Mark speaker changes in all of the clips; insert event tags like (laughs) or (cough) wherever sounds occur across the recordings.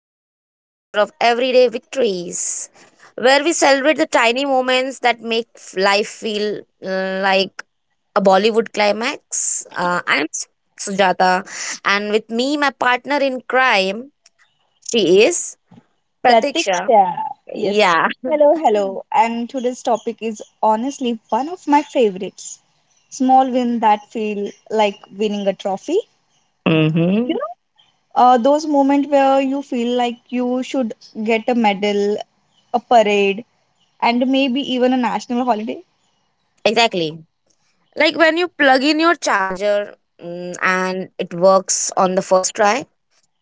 Speaker 1: back to another episode of Everyday Victories, where we celebrate the tiny moments that make life feel like a Bollywood climax. I'm Sujata, and with me, my partner in crime, she is Pratiksha.
Speaker 2: Pratiksha. Yes.
Speaker 1: Yeah.
Speaker 2: Hello, hello. And today's topic is honestly one of my favorites. Small win that feel like winning a trophy. You
Speaker 1: Mm-hmm.
Speaker 2: know, those moments where you feel like you should get a medal, a parade, and maybe even a national holiday.
Speaker 1: Exactly. Like when you plug in your charger, and it works on the first try.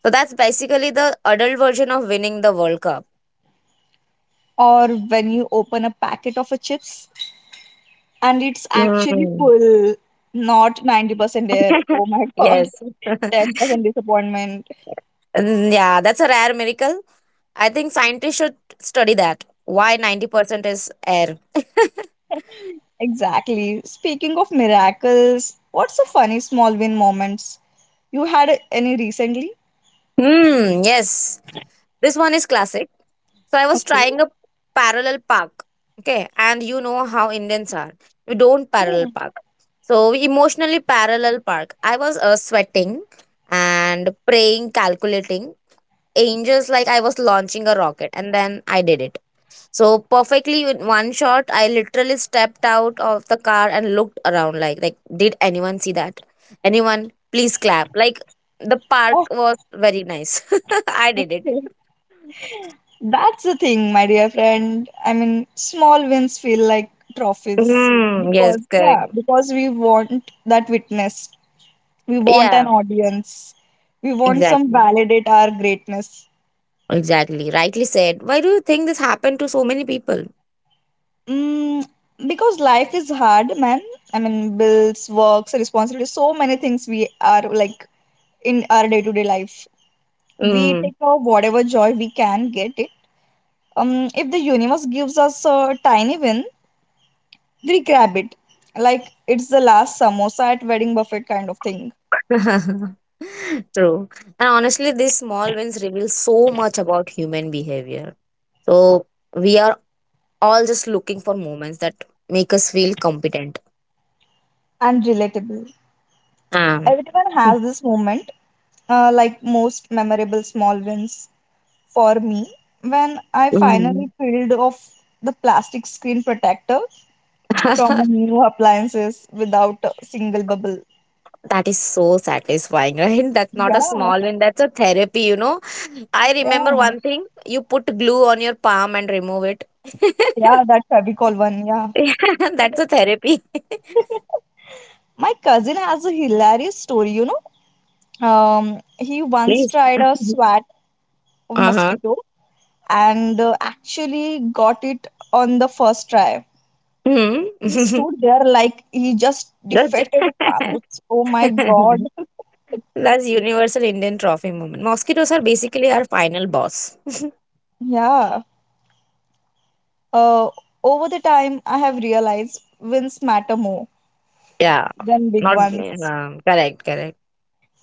Speaker 1: So that's basically the adult version of winning the World Cup.
Speaker 2: Or when you open a packet of a chips and it's actually
Speaker 1: Mm.
Speaker 2: full, not 90% there.
Speaker 1: (laughs)
Speaker 2: Oh my (laughs) God.
Speaker 1: Yes. (laughs)
Speaker 2: 10% disappointment.
Speaker 1: Yeah, that's a rare miracle. I think scientists should study that. Why 90% is air? (laughs)
Speaker 2: Exactly. Speaking of miracles, what's a funny small win moments? You had any recently?
Speaker 1: Hmm, yes. This one is classic. So I was
Speaker 2: Okay.
Speaker 1: trying a parallel park. Okay, and you know how Indians are. We don't parallel
Speaker 2: Yeah.
Speaker 1: park. So we emotionally parallel park. I was sweating and praying, calculating. Angels like I was launching a rocket and then I did. So perfectly in one shot, I literally stepped out of the car and looked around like did anyone see that? Anyone? Please clap. Like the park was very nice. (laughs) I did it.
Speaker 2: Okay. That's the thing, my dear friend. I mean, small wins feel like trophies
Speaker 1: Hmm, yes,
Speaker 2: because, yeah,
Speaker 1: correct.
Speaker 2: because we want that witness. We want an
Speaker 1: Yeah,
Speaker 2: audience. We want some
Speaker 1: exactly.
Speaker 2: validate our greatness.
Speaker 1: Exactly. Rightly said. Why do you think this happened to so many people?
Speaker 2: Mm, because life is hard, man. I mean, bills, works, responsibilities, so many things we are like in our day to day life. We
Speaker 1: Mm.
Speaker 2: take out whatever joy we can get it if the universe gives us a tiny win, we grab it like it's the last samosa at wedding buffet kind of thing.
Speaker 1: (laughs) True. And honestly, these small wins reveal so much about human behavior. So we are all just looking for moments that make us feel competent.
Speaker 2: And relatable,
Speaker 1: Um,
Speaker 2: everyone has this moment like most memorable small wins for me when I finally
Speaker 1: mhm.
Speaker 2: peeled off the plastic screen protector from a
Speaker 1: (laughs)
Speaker 2: new appliances without a single bubble.
Speaker 1: that is so satisfying, (laughs) right? That's not a
Speaker 2: Yeah,
Speaker 1: small win, that's a therapy, you know. I remember
Speaker 2: yeah,
Speaker 1: one thing, you put glue on your palm and remove it. (laughs)
Speaker 2: yeah, that fabicol one, yeah.
Speaker 1: Yeah, that's a therapy.
Speaker 2: (laughs) My cousin has a hilarious story, you know. He
Speaker 1: (laughs)
Speaker 2: once
Speaker 1: Please.
Speaker 2: tried a swat
Speaker 1: Uh huh.
Speaker 2: mosquito and actually got it on the first try.
Speaker 1: Hmm.
Speaker 2: He stood
Speaker 1: (laughs)
Speaker 2: there like he just
Speaker 1: That's,
Speaker 2: defeated Thanos. Oh my god.
Speaker 1: (laughs)
Speaker 2: (laughs)
Speaker 1: that's universal Indian trophy moment. Mosquitoes are basically our final boss.
Speaker 2: Yeah. Uh, Over the time, I have realized wins matter more
Speaker 1: Yeah.
Speaker 2: than big
Speaker 1: Not
Speaker 2: ones.
Speaker 1: correct, correct.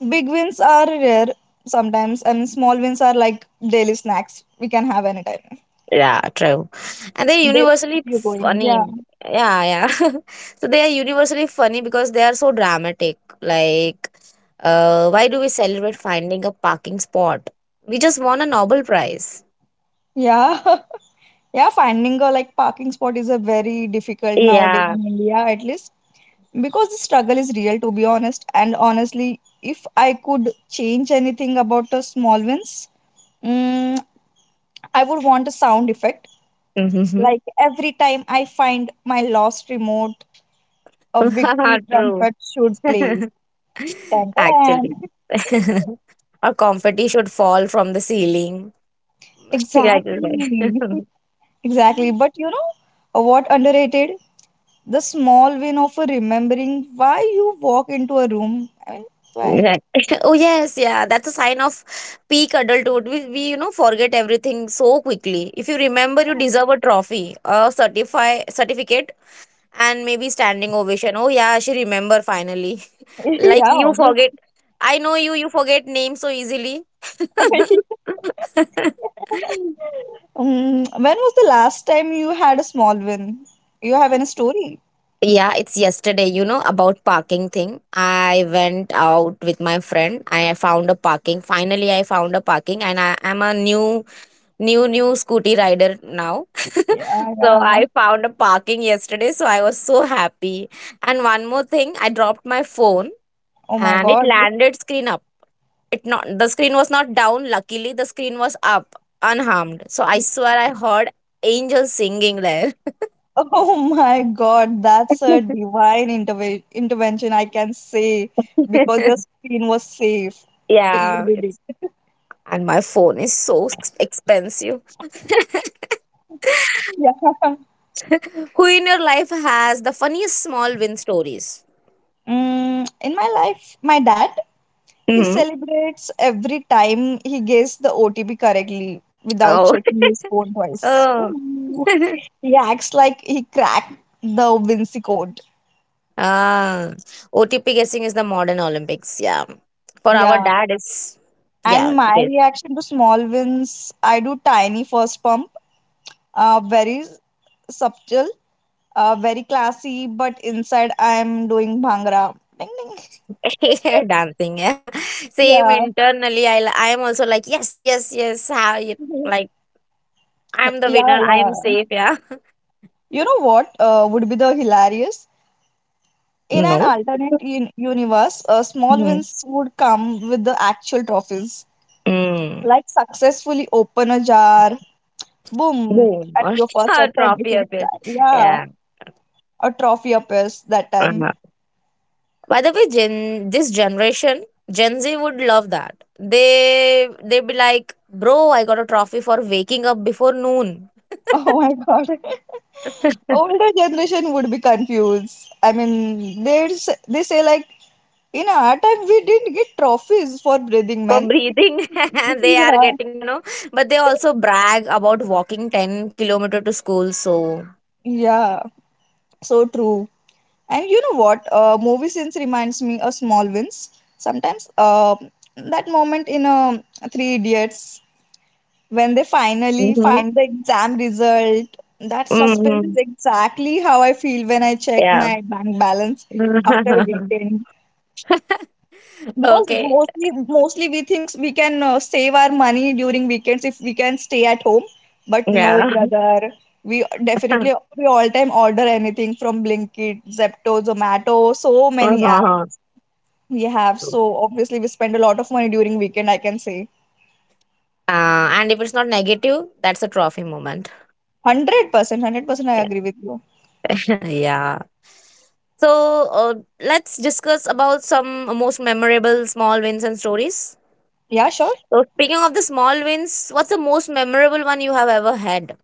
Speaker 2: Big wins are rare sometimes, and small wins are like daily snacks we can have anytime.
Speaker 1: Yeah, true. And they're
Speaker 2: They keep
Speaker 1: universally
Speaker 2: you going. Yeah.
Speaker 1: funny. Yeah, yeah. (laughs) so they are universally funny because they are so dramatic. Like, why do we celebrate finding a parking spot? We just won a Nobel Prize.
Speaker 2: Yeah. (laughs) Yeah, finding a like parking spot is a very difficult nowadays
Speaker 1: Yeah.
Speaker 2: in India, at least because the struggle is real, to be honest. And honestly, if I could change anything about the small wins, mm, I would want a sound effect.
Speaker 1: Mm-hmm.
Speaker 2: Like every time I find my lost remote, a victory
Speaker 1: (laughs) true.
Speaker 2: trumpet should play.
Speaker 1: (laughs)
Speaker 2: Dun, dun,
Speaker 1: Actually.
Speaker 2: dun.
Speaker 1: (laughs) Our confetti should fall from the ceiling.
Speaker 2: (laughs)
Speaker 1: (laughs) Like, like.
Speaker 2: Exactly. (laughs)
Speaker 1: (laughs)
Speaker 2: Exactly. But you know what underrated? The small win of a remembering why you walk into a room. I mean, why?
Speaker 1: Right. (laughs) oh yes, yeah. That's a sign of peak adulthood. We you know forget everything so quickly. If you remember, you
Speaker 2: Yeah,
Speaker 1: deserve a trophy, a certify certificate, and maybe standing ovation. Oh yeah, she remember finally. (laughs)
Speaker 2: (laughs)
Speaker 1: like
Speaker 2: yeah,
Speaker 1: you
Speaker 2: obviously.
Speaker 1: forget. I know you. You forget names so easily.
Speaker 2: (laughs)
Speaker 1: (laughs)
Speaker 2: When was the last time you had a small win? You have any story?
Speaker 1: Yeah, it's yesterday, you know, about parking thing. I went out with my friend. I found a parking. Finally, I found a parking, and I am a new scooty rider now. (laughs)
Speaker 2: Yeah,
Speaker 1: so
Speaker 2: yeah.
Speaker 1: I found a parking yesterday, so I was so happy. And one more thing, I dropped my phone
Speaker 2: Oh my
Speaker 1: and it
Speaker 2: god. (laughs)
Speaker 1: landed screen up. It not, the screen was not down, luckily the screen was up, unharmed, so I swear I heard angels singing there.
Speaker 2: Oh my god, that's a
Speaker 1: (laughs)
Speaker 2: divine intervention, I can say, because your screen was safe. You
Speaker 1: yeah,
Speaker 2: did
Speaker 1: it's,
Speaker 2: it. (laughs)
Speaker 1: and my phone is so expensive. (laughs)
Speaker 2: Yeah.
Speaker 1: who in your life has the funniest small win stories?
Speaker 2: In my life, my dad. He
Speaker 1: Hmm.
Speaker 2: celebrates every time he gets the OTP correctly without
Speaker 1: Oh.
Speaker 2: checking his phone
Speaker 1: (laughs)
Speaker 2: twice.
Speaker 1: oh.
Speaker 2: Ooh.
Speaker 1: (laughs)
Speaker 2: He acts like he cracked the Vinci code.
Speaker 1: Ah, OTP guessing is the modern Olympics. Yeah. For our
Speaker 2: Yeah.
Speaker 1: dad, it's yeah,
Speaker 2: And my
Speaker 1: it
Speaker 2: reaction to small wins, I do tiny first pump, very subtle, very classy, but inside I'm doing bhangra. Ding ding.
Speaker 1: is
Speaker 2: (laughs)
Speaker 1: (laughs) dancing. Yeah. Same
Speaker 2: Yeah.
Speaker 1: internally. I am also like yes, yes, yes. How you, like
Speaker 2: (laughs)
Speaker 1: I'm the
Speaker 2: Yeah,
Speaker 1: winner. I am
Speaker 2: yeah.
Speaker 1: safe. Yeah.
Speaker 2: You know what would be the hilarious? In
Speaker 1: (laughs)
Speaker 2: an
Speaker 1: No.
Speaker 2: alternate universe, small
Speaker 1: Mm.
Speaker 2: wins would come with the actual trophies,
Speaker 1: Mm.
Speaker 2: like successfully open a jar, boom,
Speaker 1: Boom.
Speaker 2: at
Speaker 1: (laughs)
Speaker 2: your first
Speaker 1: Or
Speaker 2: attempt. If
Speaker 1: trophy
Speaker 2: it's,
Speaker 1: appears.
Speaker 2: yeah,
Speaker 1: Yeah.
Speaker 2: a trophy appears that time.
Speaker 1: Uh-huh.
Speaker 2: (laughs)
Speaker 1: By the way, generation, Gen Z would love that. They'd be like, bro, I got a trophy for waking up before noon.
Speaker 2: Oh my god, (laughs) older generation would be confused. I mean, they say like in our time we didn't get trophies for breathing,
Speaker 1: For
Speaker 2: man.
Speaker 1: breathing.
Speaker 2: (laughs)
Speaker 1: (laughs) they are
Speaker 2: Yeah,
Speaker 1: getting, you know, but they also brag about walking 10 kilometer to school. So
Speaker 2: yeah, so true. And you know what? Movie scenes reminds me of small wins. Sometimes that moment in Three Idiots when they finally
Speaker 1: hmm.
Speaker 2: find the exam result, that suspense is
Speaker 1: Hmm.
Speaker 2: exactly how I feel when I check
Speaker 1: Yeah.
Speaker 2: my bank balance after a
Speaker 1: (laughs)
Speaker 2: weekend. Because
Speaker 1: okay.
Speaker 2: mostly we think we can save our money during weekends if we can stay at home. But no,
Speaker 1: Yeah.
Speaker 2: brother,
Speaker 1: (laughs)
Speaker 2: we all time order anything from Blinkit, Zepto, Zomato, so many apps.
Speaker 1: uh-huh.
Speaker 2: We have. So obviously we spend a lot of money during weekend, I can say.
Speaker 1: And if it's not negative, that's a trophy moment.
Speaker 2: 100%, 100% I agree with you.
Speaker 1: (laughs) yeah. So, let's discuss about some most memorable small wins and stories.
Speaker 2: Yeah, sure.
Speaker 1: So speaking of the small wins, what's the most memorable one you have ever had?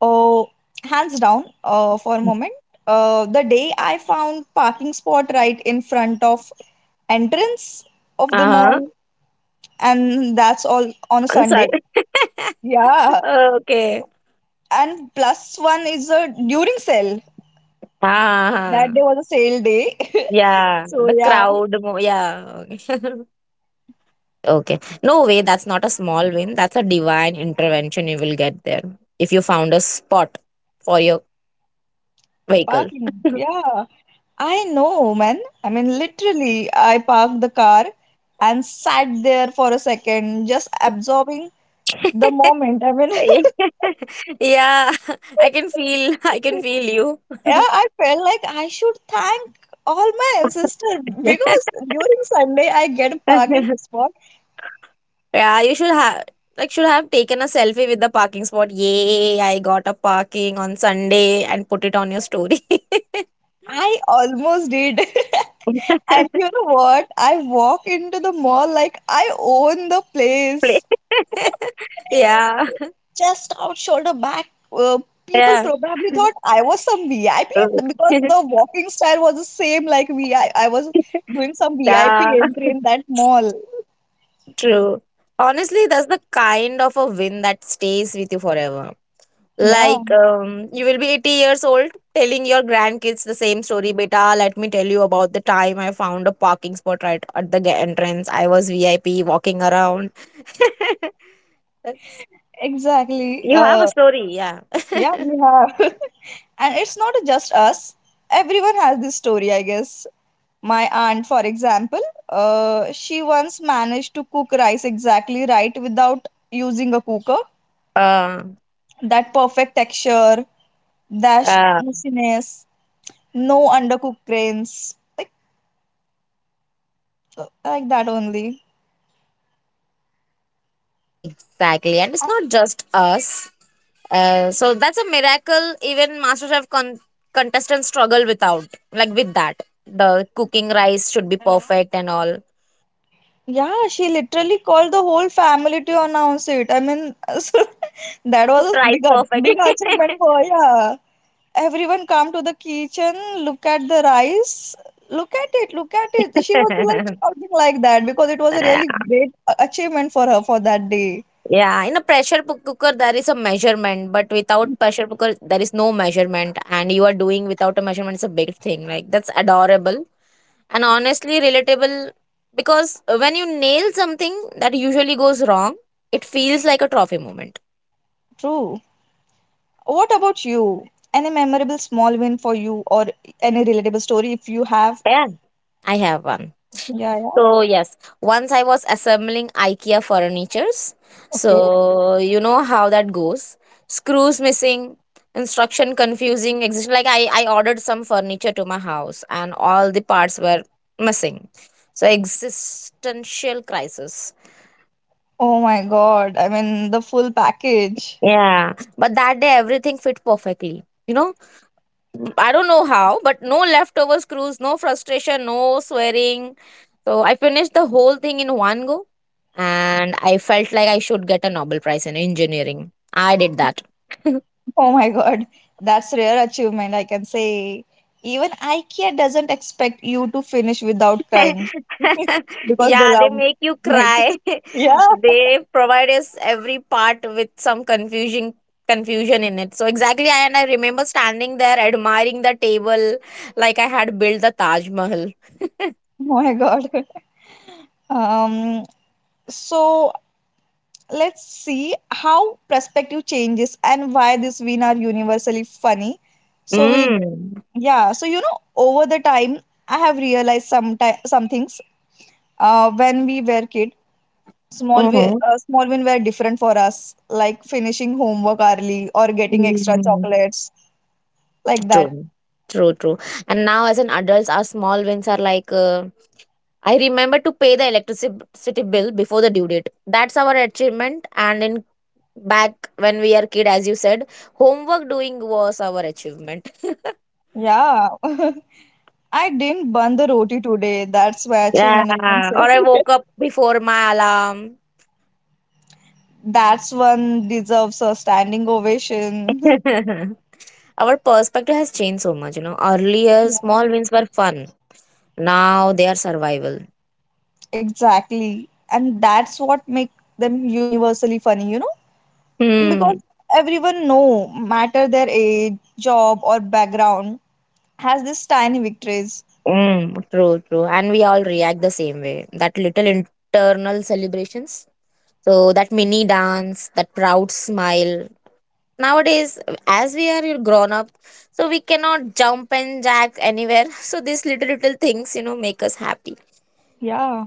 Speaker 2: Oh, hands down, for a moment. The day I found parking spot right in front of entrance of the
Speaker 1: Uh-huh.
Speaker 2: mall, and that's all on a Sunday.
Speaker 1: Concert. (laughs)
Speaker 2: Yeah.
Speaker 1: Okay.
Speaker 2: And plus one is a during sale.
Speaker 1: Ah,
Speaker 2: That
Speaker 1: ah,
Speaker 2: day
Speaker 1: ah.
Speaker 2: was a sale day. (laughs)
Speaker 1: Yeah,
Speaker 2: So,
Speaker 1: the
Speaker 2: yeah.
Speaker 1: crowd. Yeah. Okay. (laughs) okay. No way. That's not a small win. That's a divine intervention. You will get there if you found a spot for your vehicle.
Speaker 2: Parking,
Speaker 1: (laughs)
Speaker 2: yeah. I know, man. I mean, literally, I parked the car and sat there for a second, just absorbing the moment. I mean, (laughs)
Speaker 1: (laughs) yeah. (laughs) I can feel. I can feel
Speaker 2: yeah,
Speaker 1: you.
Speaker 2: I felt like I should thank all my ancestors because during Sunday I get a parking
Speaker 1: (laughs)
Speaker 2: spot.
Speaker 1: Yeah, you should have, should have taken a selfie with the parking spot. Yay, I got a parking on Sunday and put it on your story.
Speaker 2: I almost did. (laughs) And you
Speaker 1: (laughs)
Speaker 2: know what? I walk into the mall like I own the
Speaker 1: Play.
Speaker 2: place.
Speaker 1: (laughs) yeah.
Speaker 2: Chest out, shoulder back. People
Speaker 1: Yeah.
Speaker 2: probably thought I was some VIP because
Speaker 1: (laughs)
Speaker 2: the walking style was the same like VI. I was doing some
Speaker 1: yeah.
Speaker 2: VIP entry in that mall.
Speaker 1: True. Honestly, that's the kind of a win that stays with you forever.
Speaker 2: Yeah,
Speaker 1: Like you will be 80 years old telling your grandkids the same story, beta. Let me tell you about the time I found a parking spot right at the entrance. I was VIP walking around. (laughs) That's,
Speaker 2: exactly.
Speaker 1: you have a story, yeah. (laughs)
Speaker 2: Yeah, we have. (laughs) And it's not just us. Everyone has this story, I guess. My aunt, for example, she once managed to cook rice exactly right without using a cooker.
Speaker 1: uh,
Speaker 2: That perfect texture, dash
Speaker 1: uh,
Speaker 2: mushiness. No undercooked grains. Like that only.
Speaker 1: exactly. And it's not just us. So that's a miracle. Even MasterChef contestants struggle without, like with that. The cooking rice should be perfect and all.
Speaker 2: Yeah, she literally called the whole family to announce it. I mean, (laughs) so
Speaker 1: Yeah, I
Speaker 2: that
Speaker 1: cooked
Speaker 2: was a
Speaker 1: rice
Speaker 2: big big
Speaker 1: perfectly.
Speaker 2: achievement for her. Yeah. Everyone come to the kitchen, look at the rice, look at it, look at it. She was like
Speaker 1: (laughs)
Speaker 2: shouting like that because it was a really great achievement for her for that day.
Speaker 1: Yeah, in a pressure cooker there is a measurement, but without pressure cooker there is no measurement, and you are doing without a measurement is a big thing. Like that's adorable and honestly relatable because when you nail something that usually goes wrong, it feels like a trophy moment.
Speaker 2: True. What about you? Any memorable small win for you or any relatable story if you have?
Speaker 1: Yeah, I have one.
Speaker 2: Yeah, yeah.
Speaker 1: So yes, once I was assembling IKEA furnitures.
Speaker 2: Okay.
Speaker 1: So you know how that goes. Screws missing, instruction confusing, exist like I ordered some furniture to my house and all the parts were missing. So existential crisis.
Speaker 2: Oh my god. I mean, the full package.
Speaker 1: Yeah, but that day everything fit perfectly. You know, I don't know how, but no leftover screws, no frustration, no swearing. So I finished the whole thing in one go and I felt like I should get a Nobel Prize in engineering. I did that. (laughs)
Speaker 2: Oh my god. That's rare achievement, I can say. Even IKEA doesn't expect you to finish without crying. (laughs)
Speaker 1: (laughs)
Speaker 2: Because they
Speaker 1: yeah, they
Speaker 2: love
Speaker 1: make you
Speaker 2: it. (laughs)
Speaker 1: cry. (laughs)
Speaker 2: Yeah.
Speaker 1: they provide us every part with some confusion, in it. So exactly I, and I remember standing there admiring the table like I had built the Taj Mahal.
Speaker 2: Oh my god. Um so let's see how perspective changes and why this win are universally funny. So we'll,
Speaker 1: (laughs)
Speaker 2: yeah, so you know over the time I have realized some things when we were kids. Small wi-
Speaker 1: mm.
Speaker 2: uh, small win were different for us, like finishing homework early or getting extra
Speaker 1: Mm,
Speaker 2: chocolates, like that.
Speaker 1: true, true, true. And now, as an adults, our small wins are like I remember to pay the electricity bill before the due date. That's our achievement. And in back when we are kid, as you said, homework doing was our achievement. (laughs)
Speaker 2: Yeah, (laughs) I didn't burn the roti today. That's my achievement, I can
Speaker 1: Yeah.
Speaker 2: say.
Speaker 1: Or I
Speaker 2: (laughs)
Speaker 1: woke up before my alarm.
Speaker 2: That's one deserves a standing ovation. (laughs)
Speaker 1: (laughs) our perspective has changed so much. You know, earlier
Speaker 2: Yeah.
Speaker 1: small wins were fun. Now they are survival.
Speaker 2: Exactly. And that's what make them universally funny, you know? Because
Speaker 1: Hmm.
Speaker 2: everyone no matter their age, job or background, has this tiny victories.
Speaker 1: Mm, true, true. And we all react the same way. That little internal celebrations. So that mini dance, that proud smile. Nowadays, as we are grown up, so we cannot jump and jack anywhere. (laughs) So these little things, you know, make us happy.
Speaker 2: Yeah.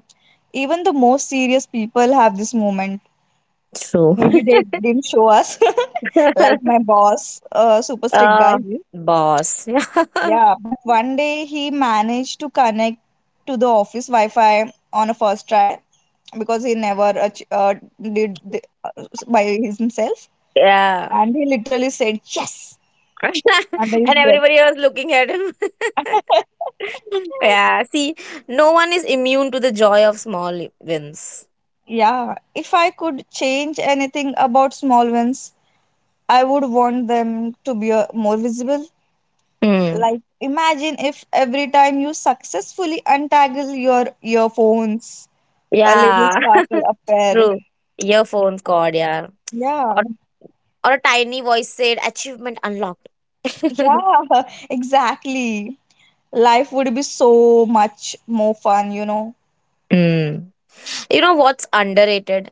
Speaker 2: Even the most serious people have this moment.
Speaker 1: True.
Speaker 2: Maybe they didn't show us, (laughs) like my
Speaker 1: (laughs)
Speaker 2: boss, super strict guy,
Speaker 1: uh,
Speaker 2: he is.
Speaker 1: boss. (laughs)
Speaker 2: Yeah, but one day he managed to connect to the office Wi-Fi on a first try because he never did the, by his himself,
Speaker 1: yeah.
Speaker 2: and he literally said yes
Speaker 1: (laughs)
Speaker 2: under his
Speaker 1: and
Speaker 2: breath.
Speaker 1: everybody was looking at him.
Speaker 2: (laughs)
Speaker 1: (laughs) yeah. See, no one is immune to the joy of small wins.
Speaker 2: Yeah, if I could change anything about small wins, I would want them to be more visible.
Speaker 1: Hmm.
Speaker 2: Like, imagine if every time you successfully untangle your earphones, a little
Speaker 1: Yeah,
Speaker 2: sparkle
Speaker 1: (laughs)
Speaker 2: appear.
Speaker 1: true. Earphone cord, yeah.
Speaker 2: Yeah,
Speaker 1: Or, or a tiny voice said, achievement unlocked. (laughs)
Speaker 2: yeah, (laughs) exactly. Life would be so much more fun, you know.
Speaker 1: Mm. You know what's underrated?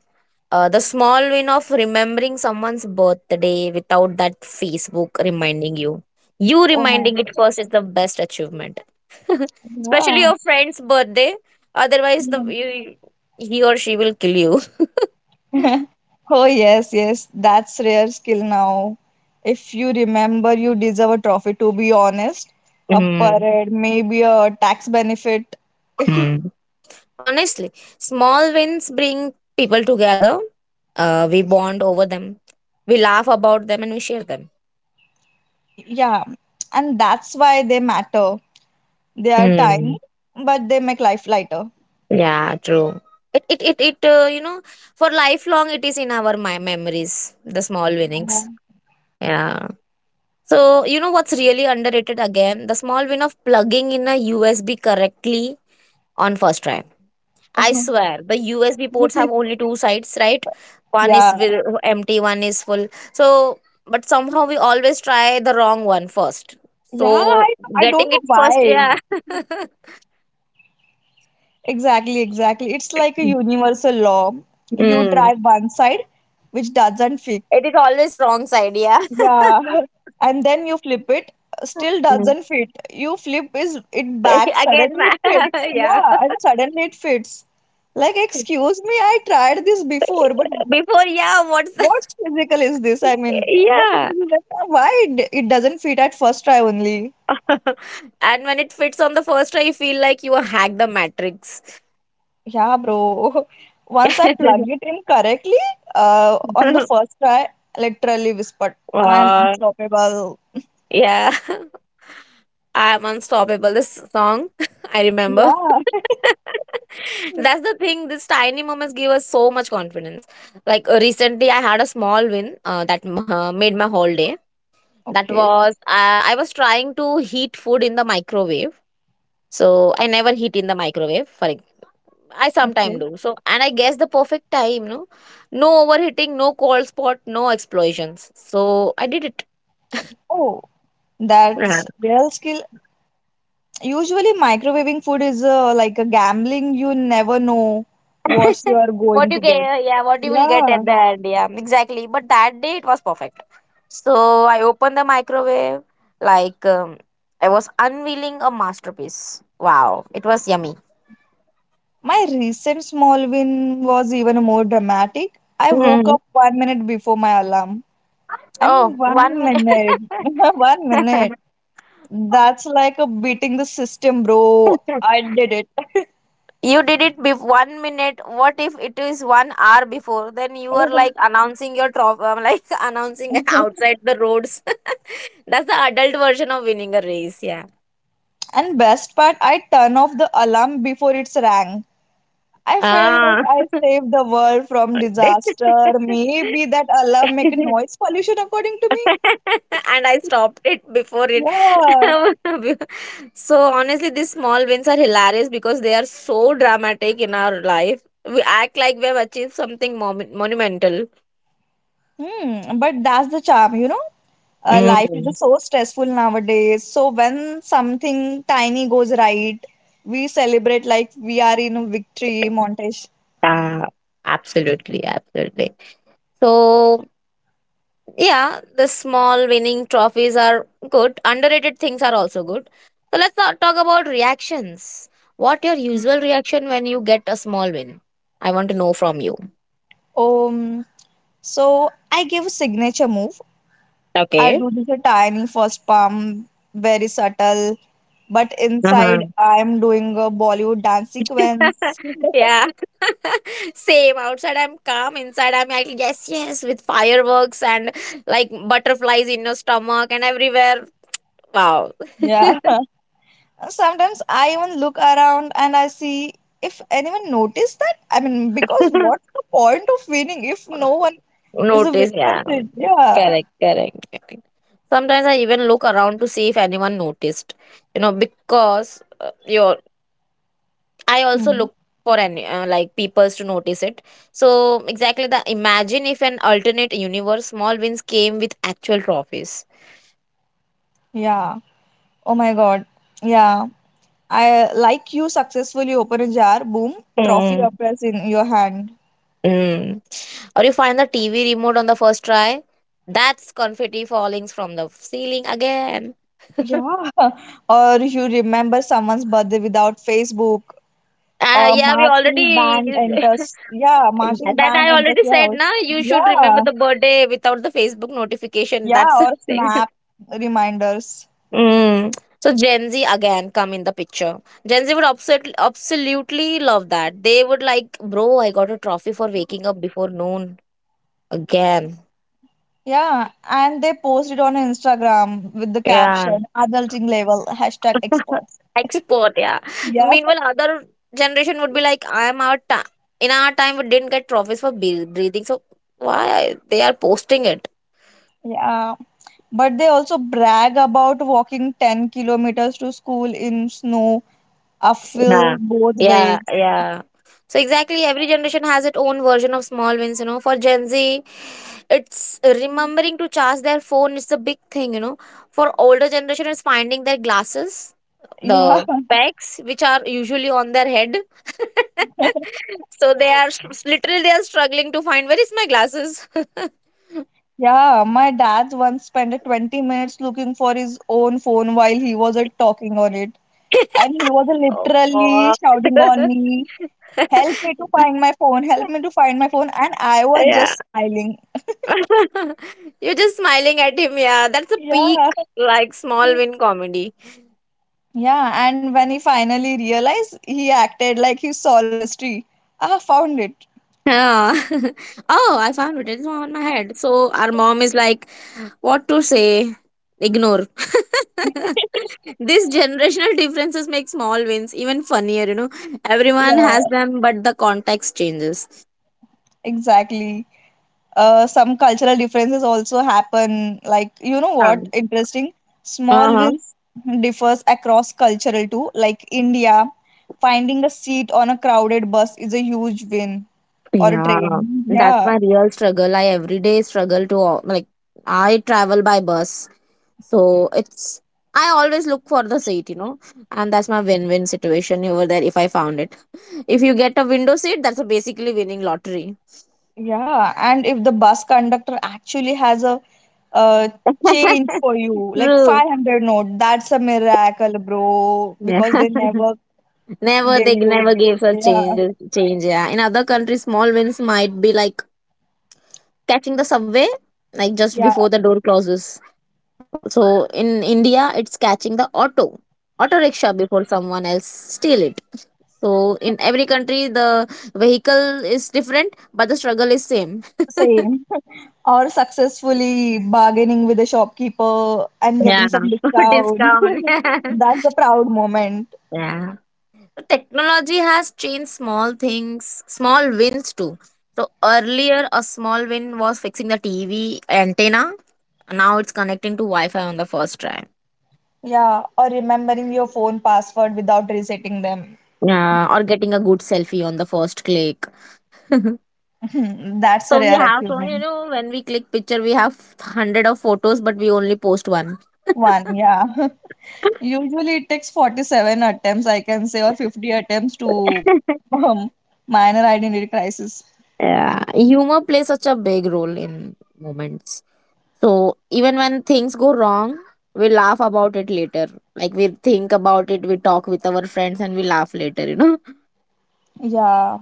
Speaker 1: The small win of remembering someone's birthday without that Facebook reminding you. You
Speaker 2: Oh my
Speaker 1: reminding it
Speaker 2: God.
Speaker 1: first is the best achievement. (laughs) Especially
Speaker 2: Yeah.
Speaker 1: your friend's birthday. Otherwise, he or she will kill you.
Speaker 2: Yeah. (laughs) Oh, yes, yes. That's rare skill now. If you remember, you deserve a trophy, to be honest. A
Speaker 1: (laughs)
Speaker 2: parade, maybe a tax benefit.
Speaker 1: Mm. Honestly, small wins bring people together. We bond over them, we laugh about them, and we share them.
Speaker 2: Yeah. And that's why they matter. They are tiny,
Speaker 1: Hmm.
Speaker 2: but they make life lighter.
Speaker 1: Yeah, true. It, you know, for lifelong, it is in our my memories, the small
Speaker 2: Yeah.
Speaker 1: winnings. Yeah. So, you know what's really underrated again? The small win of plugging in a USB correctly on first try. I
Speaker 2: Oh.
Speaker 1: swear the USB ports have
Speaker 2: (laughs)
Speaker 1: only two sides, right? One is
Speaker 2: Yeah.
Speaker 1: empty, one is full. So, but somehow we always try the wrong one first.
Speaker 2: Yeah,
Speaker 1: So,
Speaker 2: I don't
Speaker 1: getting
Speaker 2: know
Speaker 1: it first,
Speaker 2: why.
Speaker 1: yeah. (laughs)
Speaker 2: Exactly, exactly. It's like a universal law. You
Speaker 1: Mm.
Speaker 2: try one side, which doesn't fit.
Speaker 1: It is always wrong side, yeah.
Speaker 2: Yeah. (laughs) And then you flip it, still
Speaker 1: Mm.
Speaker 2: doesn't fit. You flip is it
Speaker 1: (laughs)
Speaker 2: back,
Speaker 1: Again,
Speaker 2: suddenly it
Speaker 1: ma- (laughs)
Speaker 2: fits.
Speaker 1: yeah.
Speaker 2: Yeah, and suddenly it fits. Like, excuse me, I tried this before, but
Speaker 1: Before, yeah, what's the-
Speaker 2: what physical is this? I
Speaker 1: (laughs)
Speaker 2: mean, what
Speaker 1: yeah.
Speaker 2: physical is that? Why it doesn't fit at first try only?
Speaker 1: (laughs) and when it fits on the first try, you feel like you hacked the matrix.
Speaker 2: Yeah, bro. (laughs) Once I plug
Speaker 1: (laughs)
Speaker 2: it in correctly, on the first try, literally whispered, I am
Speaker 1: uh,
Speaker 2: unstoppable.
Speaker 1: yeah. (laughs) I'm unstoppable. This song, (laughs) I remember.
Speaker 2: Yeah.
Speaker 1: (laughs) That's
Speaker 2: (laughs)
Speaker 1: the thing. These tiny moments give us so much confidence. Like recently, I had a small win that made my whole day. That
Speaker 2: Okay.
Speaker 1: was I was trying to heat food in the microwave. So I never heat in the microwave. For I sometimes
Speaker 2: Okay.
Speaker 1: do. So and I guess the perfect time. No, no overheating, no cold spot, no explosions. So I did it.
Speaker 2: Oh, that's real skill. Usually, microwaving food is like a gambling. You never know what's you
Speaker 1: (laughs)
Speaker 2: are
Speaker 1: what
Speaker 2: going to
Speaker 1: you get,
Speaker 2: get.
Speaker 1: yeah, what you will get
Speaker 2: Yeah.
Speaker 1: at the end, yeah, exactly. But that day it was perfect. So I opened the microwave like I was unveiling a masterpiece. Wow, it was yummy.
Speaker 2: My recent small win was even more dramatic. I woke
Speaker 1: Mhm.
Speaker 2: up 1 minute before my alarm. I
Speaker 1: Oh,
Speaker 2: mean,
Speaker 1: one
Speaker 2: one
Speaker 1: minute
Speaker 2: minute. (laughs) 1 minute.
Speaker 1: (laughs)
Speaker 2: That's like a beating the system, bro. I did it.
Speaker 1: you did it be 1 minute, what if it is 1 hour before, then you are like
Speaker 2: (laughs)
Speaker 1: announcing your trophy, like (laughs) announcing (laughs) outside the roads. (laughs) that's the adult version of winning a race, yeah.
Speaker 2: And best part, I turn off the alarm before it's rang. I feel like
Speaker 1: Ah,
Speaker 2: I
Speaker 1: (laughs)
Speaker 2: saved the world from
Speaker 1: that-
Speaker 2: disaster. Maybe that alarm make a
Speaker 1: (laughs)
Speaker 2: noise pollution according to me.
Speaker 1: and I stopped it before it.
Speaker 2: Yeah.
Speaker 1: (laughs) so honestly, these small wins are hilarious because they are so dramatic in our life. We act like we have achieved something monumental.
Speaker 2: Hmm, but that's the charm, you know? Life is
Speaker 1: Mm,
Speaker 2: just so stressful nowadays. So when something tiny goes right, we celebrate like we are in a victory montage.
Speaker 1: yeah, absolutely, absolutely. So Yeah, the small winning trophies are good. Underrated things are also good. So let's not talk about reactions. What your usual reaction when you get a small win? I want to know from you.
Speaker 2: Um, so I give a signature move. I
Speaker 1: Okay.
Speaker 2: do this a tiny first pump, very subtle, but
Speaker 1: Uh-huh.
Speaker 2: inside I'm doing a Bollywood dance sequence. (laughs)
Speaker 1: (laughs) yeah. (laughs) Same. Outside I'm calm. Inside I'm like yes, yes, with fireworks and like butterflies in your stomach and everywhere. Wow. (laughs)
Speaker 2: Yeah. Sometimes I even look around and I see if anyone noticed that. I mean, because what's the point of winning if no one is a
Speaker 1: Notice,
Speaker 2: witness
Speaker 1: yeah.
Speaker 2: it? Yeah.
Speaker 1: Correct, correct. Sometimes I even look around to see if anyone noticed, you know, because your I also
Speaker 2: Hmm.
Speaker 1: look for any like peoples to notice it. So exactly the imagine if an alternate universe small wins came with actual trophies.
Speaker 2: Yeah. Oh my God. Yeah. I like you successfully open a jar, boom, trophy
Speaker 1: Mm.
Speaker 2: appears in your hand.
Speaker 1: Mm. Or you find the TV remote on the first try. That's confetti falling from the ceiling again. (laughs)
Speaker 2: Yeah. (laughs) Or you remember someone's birthday without Facebook. A
Speaker 1: Yeah, we
Speaker 2: marching
Speaker 1: already
Speaker 2: band enters. Yeah,
Speaker 1: (laughs)
Speaker 2: marching
Speaker 1: that
Speaker 2: band
Speaker 1: I
Speaker 2: enters
Speaker 1: already
Speaker 2: your
Speaker 1: said.
Speaker 2: house.
Speaker 1: Na, you should remember
Speaker 2: Yeah.
Speaker 1: the birthday without the Facebook notification.
Speaker 2: Yeah.
Speaker 1: That's the
Speaker 2: Or
Speaker 1: (laughs) thing.
Speaker 2: snap reminders.
Speaker 1: Mm. So Gen Z again come in the picture. Gen Z would absolutely, absolutely love that. They would like, bro, I got a trophy for waking up before noon again.
Speaker 2: Yeah, and they posted on Instagram with the
Speaker 1: Yeah.
Speaker 2: caption adulting level hashtag experts.
Speaker 1: (laughs) Export, yeah.
Speaker 2: Yeah,
Speaker 1: Meanwhile, other generation would be like, I'm our time. In our time, we didn't get trophies for breathing, so why they are posting it?
Speaker 2: yeah. But they also brag about walking 10 kilometers to school in snow,
Speaker 1: Yeah,
Speaker 2: uphill both
Speaker 1: yeah,
Speaker 2: ways.
Speaker 1: yeah. So exactly, every generation has its own version of small wins. You know, for Gen Z, it's remembering to charge their phone is the big thing. You know, for older generation, it's finding their glasses,
Speaker 2: Yeah,
Speaker 1: the specs which are usually on their head.
Speaker 2: (laughs)
Speaker 1: (laughs) so they are literally they are struggling to find where is my glasses.
Speaker 2: yeah. My dad once spent 20 minutes looking for his own phone while he was talking on it. And he
Speaker 1: (laughs)
Speaker 2: was
Speaker 1: oh
Speaker 2: literally
Speaker 1: God.
Speaker 2: shouting on me, help me to
Speaker 1: (laughs) (laughs)
Speaker 2: find my phone, help me to find my phone. And I was
Speaker 1: yeah.
Speaker 2: just smiling.
Speaker 1: (laughs) You're just smiling at him. Yeah, that's a peak,
Speaker 2: Yeah.
Speaker 1: like small
Speaker 2: (laughs)
Speaker 1: win comedy.
Speaker 2: Yeah, and when he finally realized, he acted like he solved a mystery. I found it.
Speaker 1: Yeah. (laughs) oh, I found it. It's on my head. So our mom is like, what to say? Ignore. (laughs) this generational differences make small wins even funnier, you know.
Speaker 2: (laughs)
Speaker 1: Everyone
Speaker 2: Yeah,
Speaker 1: has them, but the context changes.
Speaker 2: exactly. Some cultural differences also happen. Like, you know
Speaker 1: Yeah.
Speaker 2: what? Interesting.
Speaker 1: Uh
Speaker 2: Small
Speaker 1: huh.
Speaker 2: wins differs across cultural too. Like India, finding a seat on a crowded bus is a huge win or a
Speaker 1: Yeah.
Speaker 2: train.
Speaker 1: That's
Speaker 2: Yeah.
Speaker 1: my real struggle. I every day struggle to, like, I travel by bus, so it's I always look for the seat, you know, and that's my win-win situation over there if I found it. If you get a window seat, that's a basically winning lottery.
Speaker 2: Yeah, and if the bus conductor actually has a uh, change
Speaker 1: (laughs)
Speaker 2: for you, like
Speaker 1: True.
Speaker 2: 500 note, that's a miracle, bro,
Speaker 1: Yeah.
Speaker 2: because they never
Speaker 1: (laughs) never
Speaker 2: gave
Speaker 1: they
Speaker 2: you.
Speaker 1: never gave us
Speaker 2: Yeah,
Speaker 1: change, yeah. In other countries, small wins might be like catching the subway, like just
Speaker 2: yeah,
Speaker 1: before the door closes. So in India, it's catching the auto rickshaw before someone else steal it. So in every country, the vehicle is different, but the struggle is same.
Speaker 2: same. (laughs) Or successfully bargaining with the shopkeeper and
Speaker 1: Yeah,
Speaker 2: getting some
Speaker 1: (laughs) for
Speaker 2: discount.
Speaker 1: discount.
Speaker 2: (laughs) That's a proud moment.
Speaker 1: (laughs) yeah. Technology has changed small wins too. So earlier, a small win was fixing the TV antenna. Now it's connecting to Wi-Fi on the first try.
Speaker 2: Yeah, or remembering your phone password without resetting them.
Speaker 1: Yeah, or getting a good selfie on the first click. (laughs) so
Speaker 2: (laughs) That's a
Speaker 1: we
Speaker 2: rare
Speaker 1: have so you
Speaker 2: achievement.
Speaker 1: know when we click picture, we have hundred of photos, but we only post one.
Speaker 2: One, yeah. (laughs) Usually it takes 47 attempts, I can say, or 50 attempts to
Speaker 1: (laughs)
Speaker 2: um, minor identity crisis.
Speaker 1: Yeah, humor plays such a big role in moments. So even when things go wrong, we laugh about it later. Like we think about it, we talk with our friends, and we laugh later, you know. (laughs)
Speaker 2: Yeah,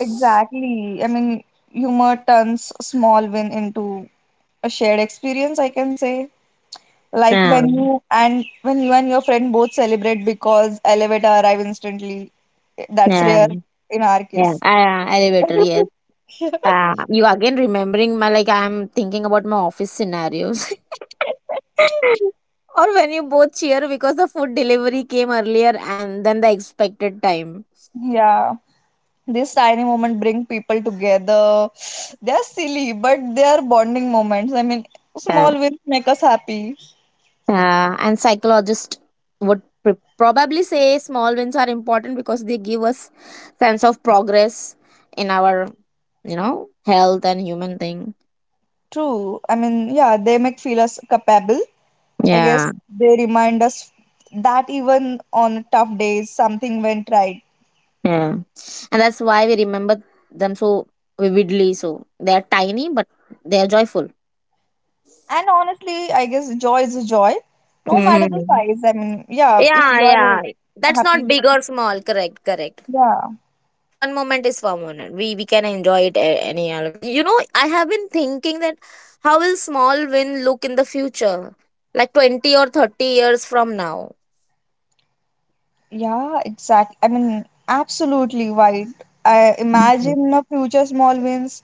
Speaker 2: exactly. I mean, humor turns small win into a shared experience, I can say. Like
Speaker 1: Yeah,
Speaker 2: when you and your friend both celebrate because elevator arrive instantly. That's
Speaker 1: yeah,
Speaker 2: rare in our
Speaker 1: yeah.
Speaker 2: case.
Speaker 1: Elevator, yes.
Speaker 2: (laughs)
Speaker 1: You again remembering my like I'm thinking about my office scenarios. (laughs) or when you both cheer because the food delivery came earlier and than the expected time.
Speaker 2: Yeah. These tiny moments bring people together. (sighs) They're silly, but they're bonding moments. I mean, small wins make us happy.
Speaker 1: And psychologists would probably say small wins are important because they give us sense of progress in our, you know, health and human thing.
Speaker 2: True. I mean, yeah, they make feel us capable. I
Speaker 1: Yeah,
Speaker 2: guess they remind us that even on tough days, something went right.
Speaker 1: yeah, and that's why we remember them so vividly. So they are tiny, but they are joyful.
Speaker 2: And honestly, I guess joy is a joy, no matter the
Speaker 1: Hmm,
Speaker 2: size. I mean, yeah, if
Speaker 1: yeah,
Speaker 2: you are
Speaker 1: yeah, that's not
Speaker 2: happy,
Speaker 1: big or small. Correct, correct.
Speaker 2: yeah,
Speaker 1: Fun moment is fun moment. We can enjoy it any other. You know, I have been thinking that how will small win look in the future, like 20 or 30 years from now.
Speaker 2: yeah, exactly. I mean, absolutely right. I imagine a
Speaker 1: (laughs)
Speaker 2: future small wins.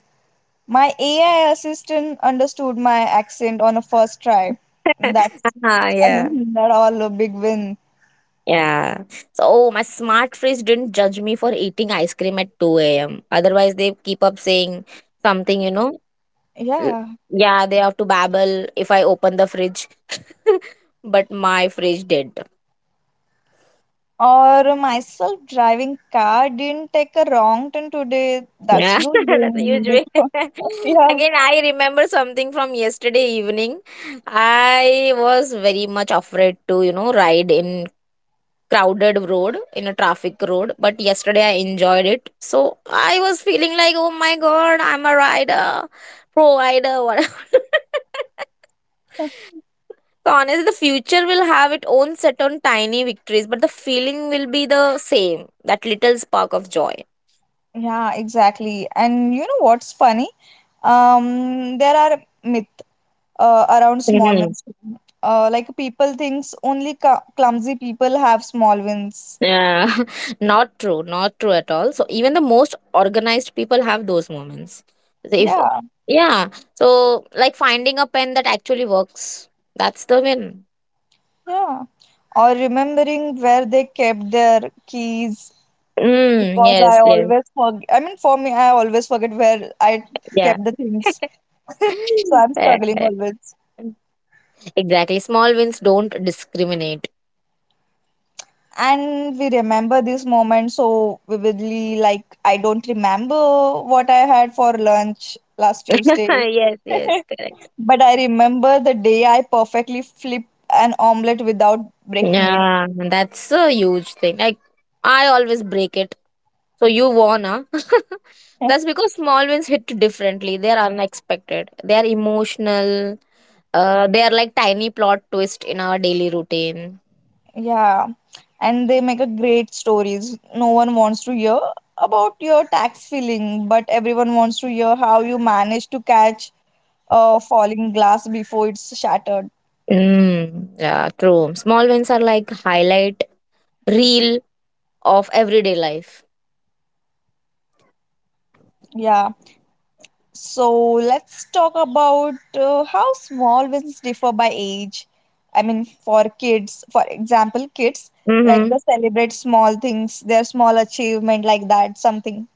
Speaker 2: My AI assistant understood my accent on a first try. That's,
Speaker 1: Ah,
Speaker 2: I
Speaker 1: yeah.
Speaker 2: mean, that all a big win.
Speaker 1: Yeah. So, oh, my smart fridge didn't judge me for eating ice cream at 2 a.m. Otherwise, they keep up saying something, you know. L-
Speaker 2: Yeah.
Speaker 1: Yeah, they have to babble if I open the fridge. (laughs) but my fridge did.
Speaker 2: Or myself driving car didn't take a wrong turn today. That's
Speaker 1: Yeah,
Speaker 2: huge
Speaker 1: (laughs) that's a
Speaker 2: win
Speaker 1: huge way.
Speaker 2: because (laughs)
Speaker 1: (laughs)
Speaker 2: yeah.
Speaker 1: Again, I remember something from yesterday evening. I was very much afraid to, you know, ride in crowded road in a traffic road, but yesterday I enjoyed it. So I was feeling like, oh my God, I'm a rider, provider, whatever. (laughs) So honestly, the future will have its own set on tiny victories, but the feeling will be the same, that little spark of joy.
Speaker 2: Yeah, exactly. And you know what's funny? There are myth around small wins. Like people thinks only cl clumsy people have small wins.
Speaker 1: Yeah, (laughs) not true, not true at all. So even the most organized people have those moments. They- If
Speaker 2: Yeah.
Speaker 1: yeah, so like finding a pen that actually works, that's the win.
Speaker 2: Yeah. Or remembering where they kept their keys
Speaker 1: Mm,
Speaker 2: because I
Speaker 1: yes, yes,
Speaker 2: always forget. I mean, for me, I always forget where I
Speaker 1: yeah.
Speaker 2: kept the things.
Speaker 1: (laughs)
Speaker 2: So I'm
Speaker 1: Yeah,
Speaker 2: struggling
Speaker 1: yeah.
Speaker 2: always.
Speaker 1: Exactly. Small wins don't discriminate.
Speaker 2: And we remember this moment so vividly. Like, I don't remember what I had for lunch last
Speaker 1: (laughs)
Speaker 2: Tuesday.
Speaker 1: yes, yes,
Speaker 2: (laughs)
Speaker 1: correct.
Speaker 2: But I remember the day I perfectly flipped an omelette without breaking it.
Speaker 1: Yeah, and that's a huge thing. Like I always break it. So you won, huh? (laughs) That's
Speaker 2: (laughs)
Speaker 1: because small wins hit differently. They are unexpected. They are emotional. They are like tiny plot twist in our daily routine.
Speaker 2: Yeah, and they make a great stories. No one wants to hear about your tax filling, but everyone wants to hear how you managed to catch a falling glass before it's shattered.
Speaker 1: Mm, yeah, true. Small wins are like highlight reel of everyday life.
Speaker 2: Yeah. So let's talk about how small wins differ by age. I mean, for kids, for example, kids like
Speaker 1: Mm-hmm.
Speaker 2: they celebrate small things, their small achievement like that, something.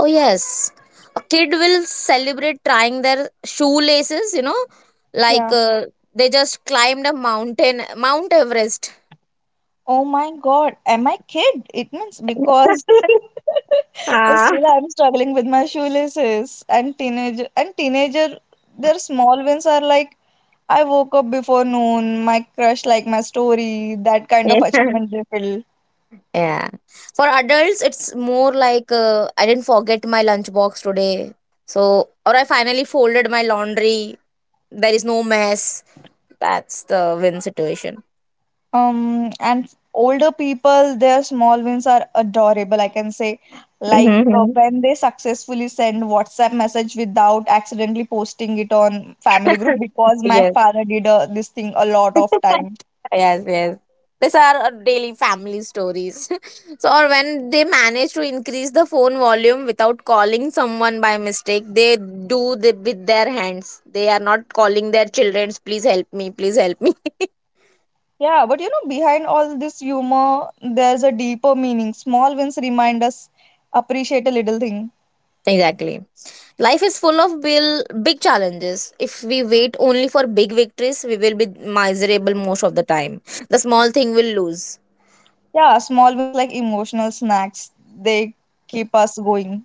Speaker 1: Oh yes, a kid will celebrate trying their shoelaces. You know, like
Speaker 2: Yeah.
Speaker 1: they just climbed a mountain, Mount Everest.
Speaker 2: Oh my God, am I kid? It means because
Speaker 1: (laughs)
Speaker 2: (laughs)
Speaker 1: Ah,
Speaker 2: still I'm struggling with my shoelaces and teenager, their small wins are like I woke up before noon, my crush like my story, that kind
Speaker 1: yeah.
Speaker 2: of achievement they feel.
Speaker 1: Yeah. For adults, it's more like I didn't forget my lunchbox today. So, or I finally folded my laundry. There is no mess. That's the win situation.
Speaker 2: And older people their small wins are adorable I can say, like
Speaker 1: Hmm.
Speaker 2: when they successfully send WhatsApp message without accidentally posting it on family group because
Speaker 1: (laughs)
Speaker 2: my
Speaker 1: yes.
Speaker 2: father did this thing a lot of time.
Speaker 1: Yes, yes. These are our daily family stories. (laughs) so, or when they manage to increase the phone volume without calling someone by mistake, they do the, with their hands. They are not calling their children, please help me, please help me.
Speaker 2: Yeah, but you know, behind all this humor, there's a deeper meaning. Small wins remind us appreciate a little thing.
Speaker 1: Exactly. Life is full of bill big challenges. If we wait only for big victories, we will be miserable most of the time. The small thing will lose.
Speaker 2: Yeah, small wins like emotional snacks, they keep us going.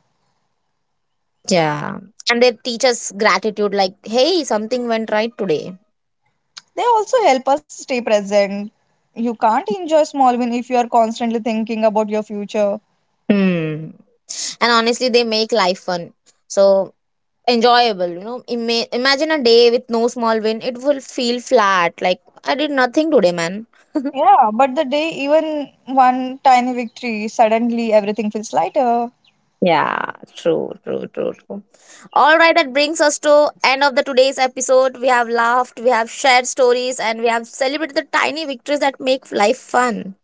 Speaker 1: Yeah. And they teach us gratitude like, hey, something went right today.
Speaker 2: They also help us stay present. You can't enjoy small win if you are constantly thinking about your future.
Speaker 1: Hmm. And honestly, they make life fun. So enjoyable, you know. Imagine a day with no small win. It will feel flat. Like, I did nothing today, man. (laughs)
Speaker 2: Yeah, but the day even one tiny victory, suddenly everything feels lighter.
Speaker 1: Yeah, true, true, true, true. All right, that brings us to end of the today's episode. We have laughed, we have shared stories, and we have celebrated the tiny victories that make life fun.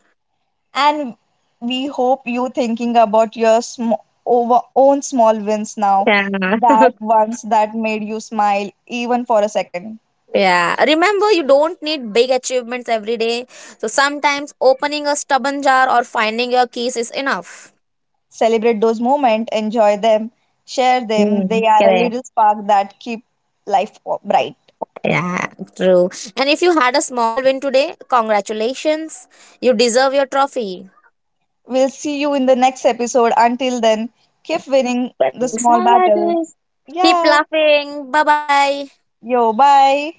Speaker 2: And we hope you thinking about your over own small wins now,
Speaker 1: Yeah.
Speaker 2: that ones that made you smile even for a second.
Speaker 1: (laughs) yeah. Remember, you don't need big achievements every day. So sometimes opening a stubborn jar or finding your keys is enough.
Speaker 2: Celebrate those moments, enjoy them, share them,
Speaker 1: Mm,
Speaker 2: they are a
Speaker 1: correct.
Speaker 2: little spark that keep life bright.
Speaker 1: Yeah, true. And if you had a small win today, congratulations. You deserve your trophy.
Speaker 2: We'll see you in the next episode. Until then, keep winning the
Speaker 1: Winning
Speaker 2: small
Speaker 1: small
Speaker 2: battles.
Speaker 1: ledges. Keep
Speaker 2: Yeah,
Speaker 1: laughing. Bye bye.
Speaker 2: yo bye.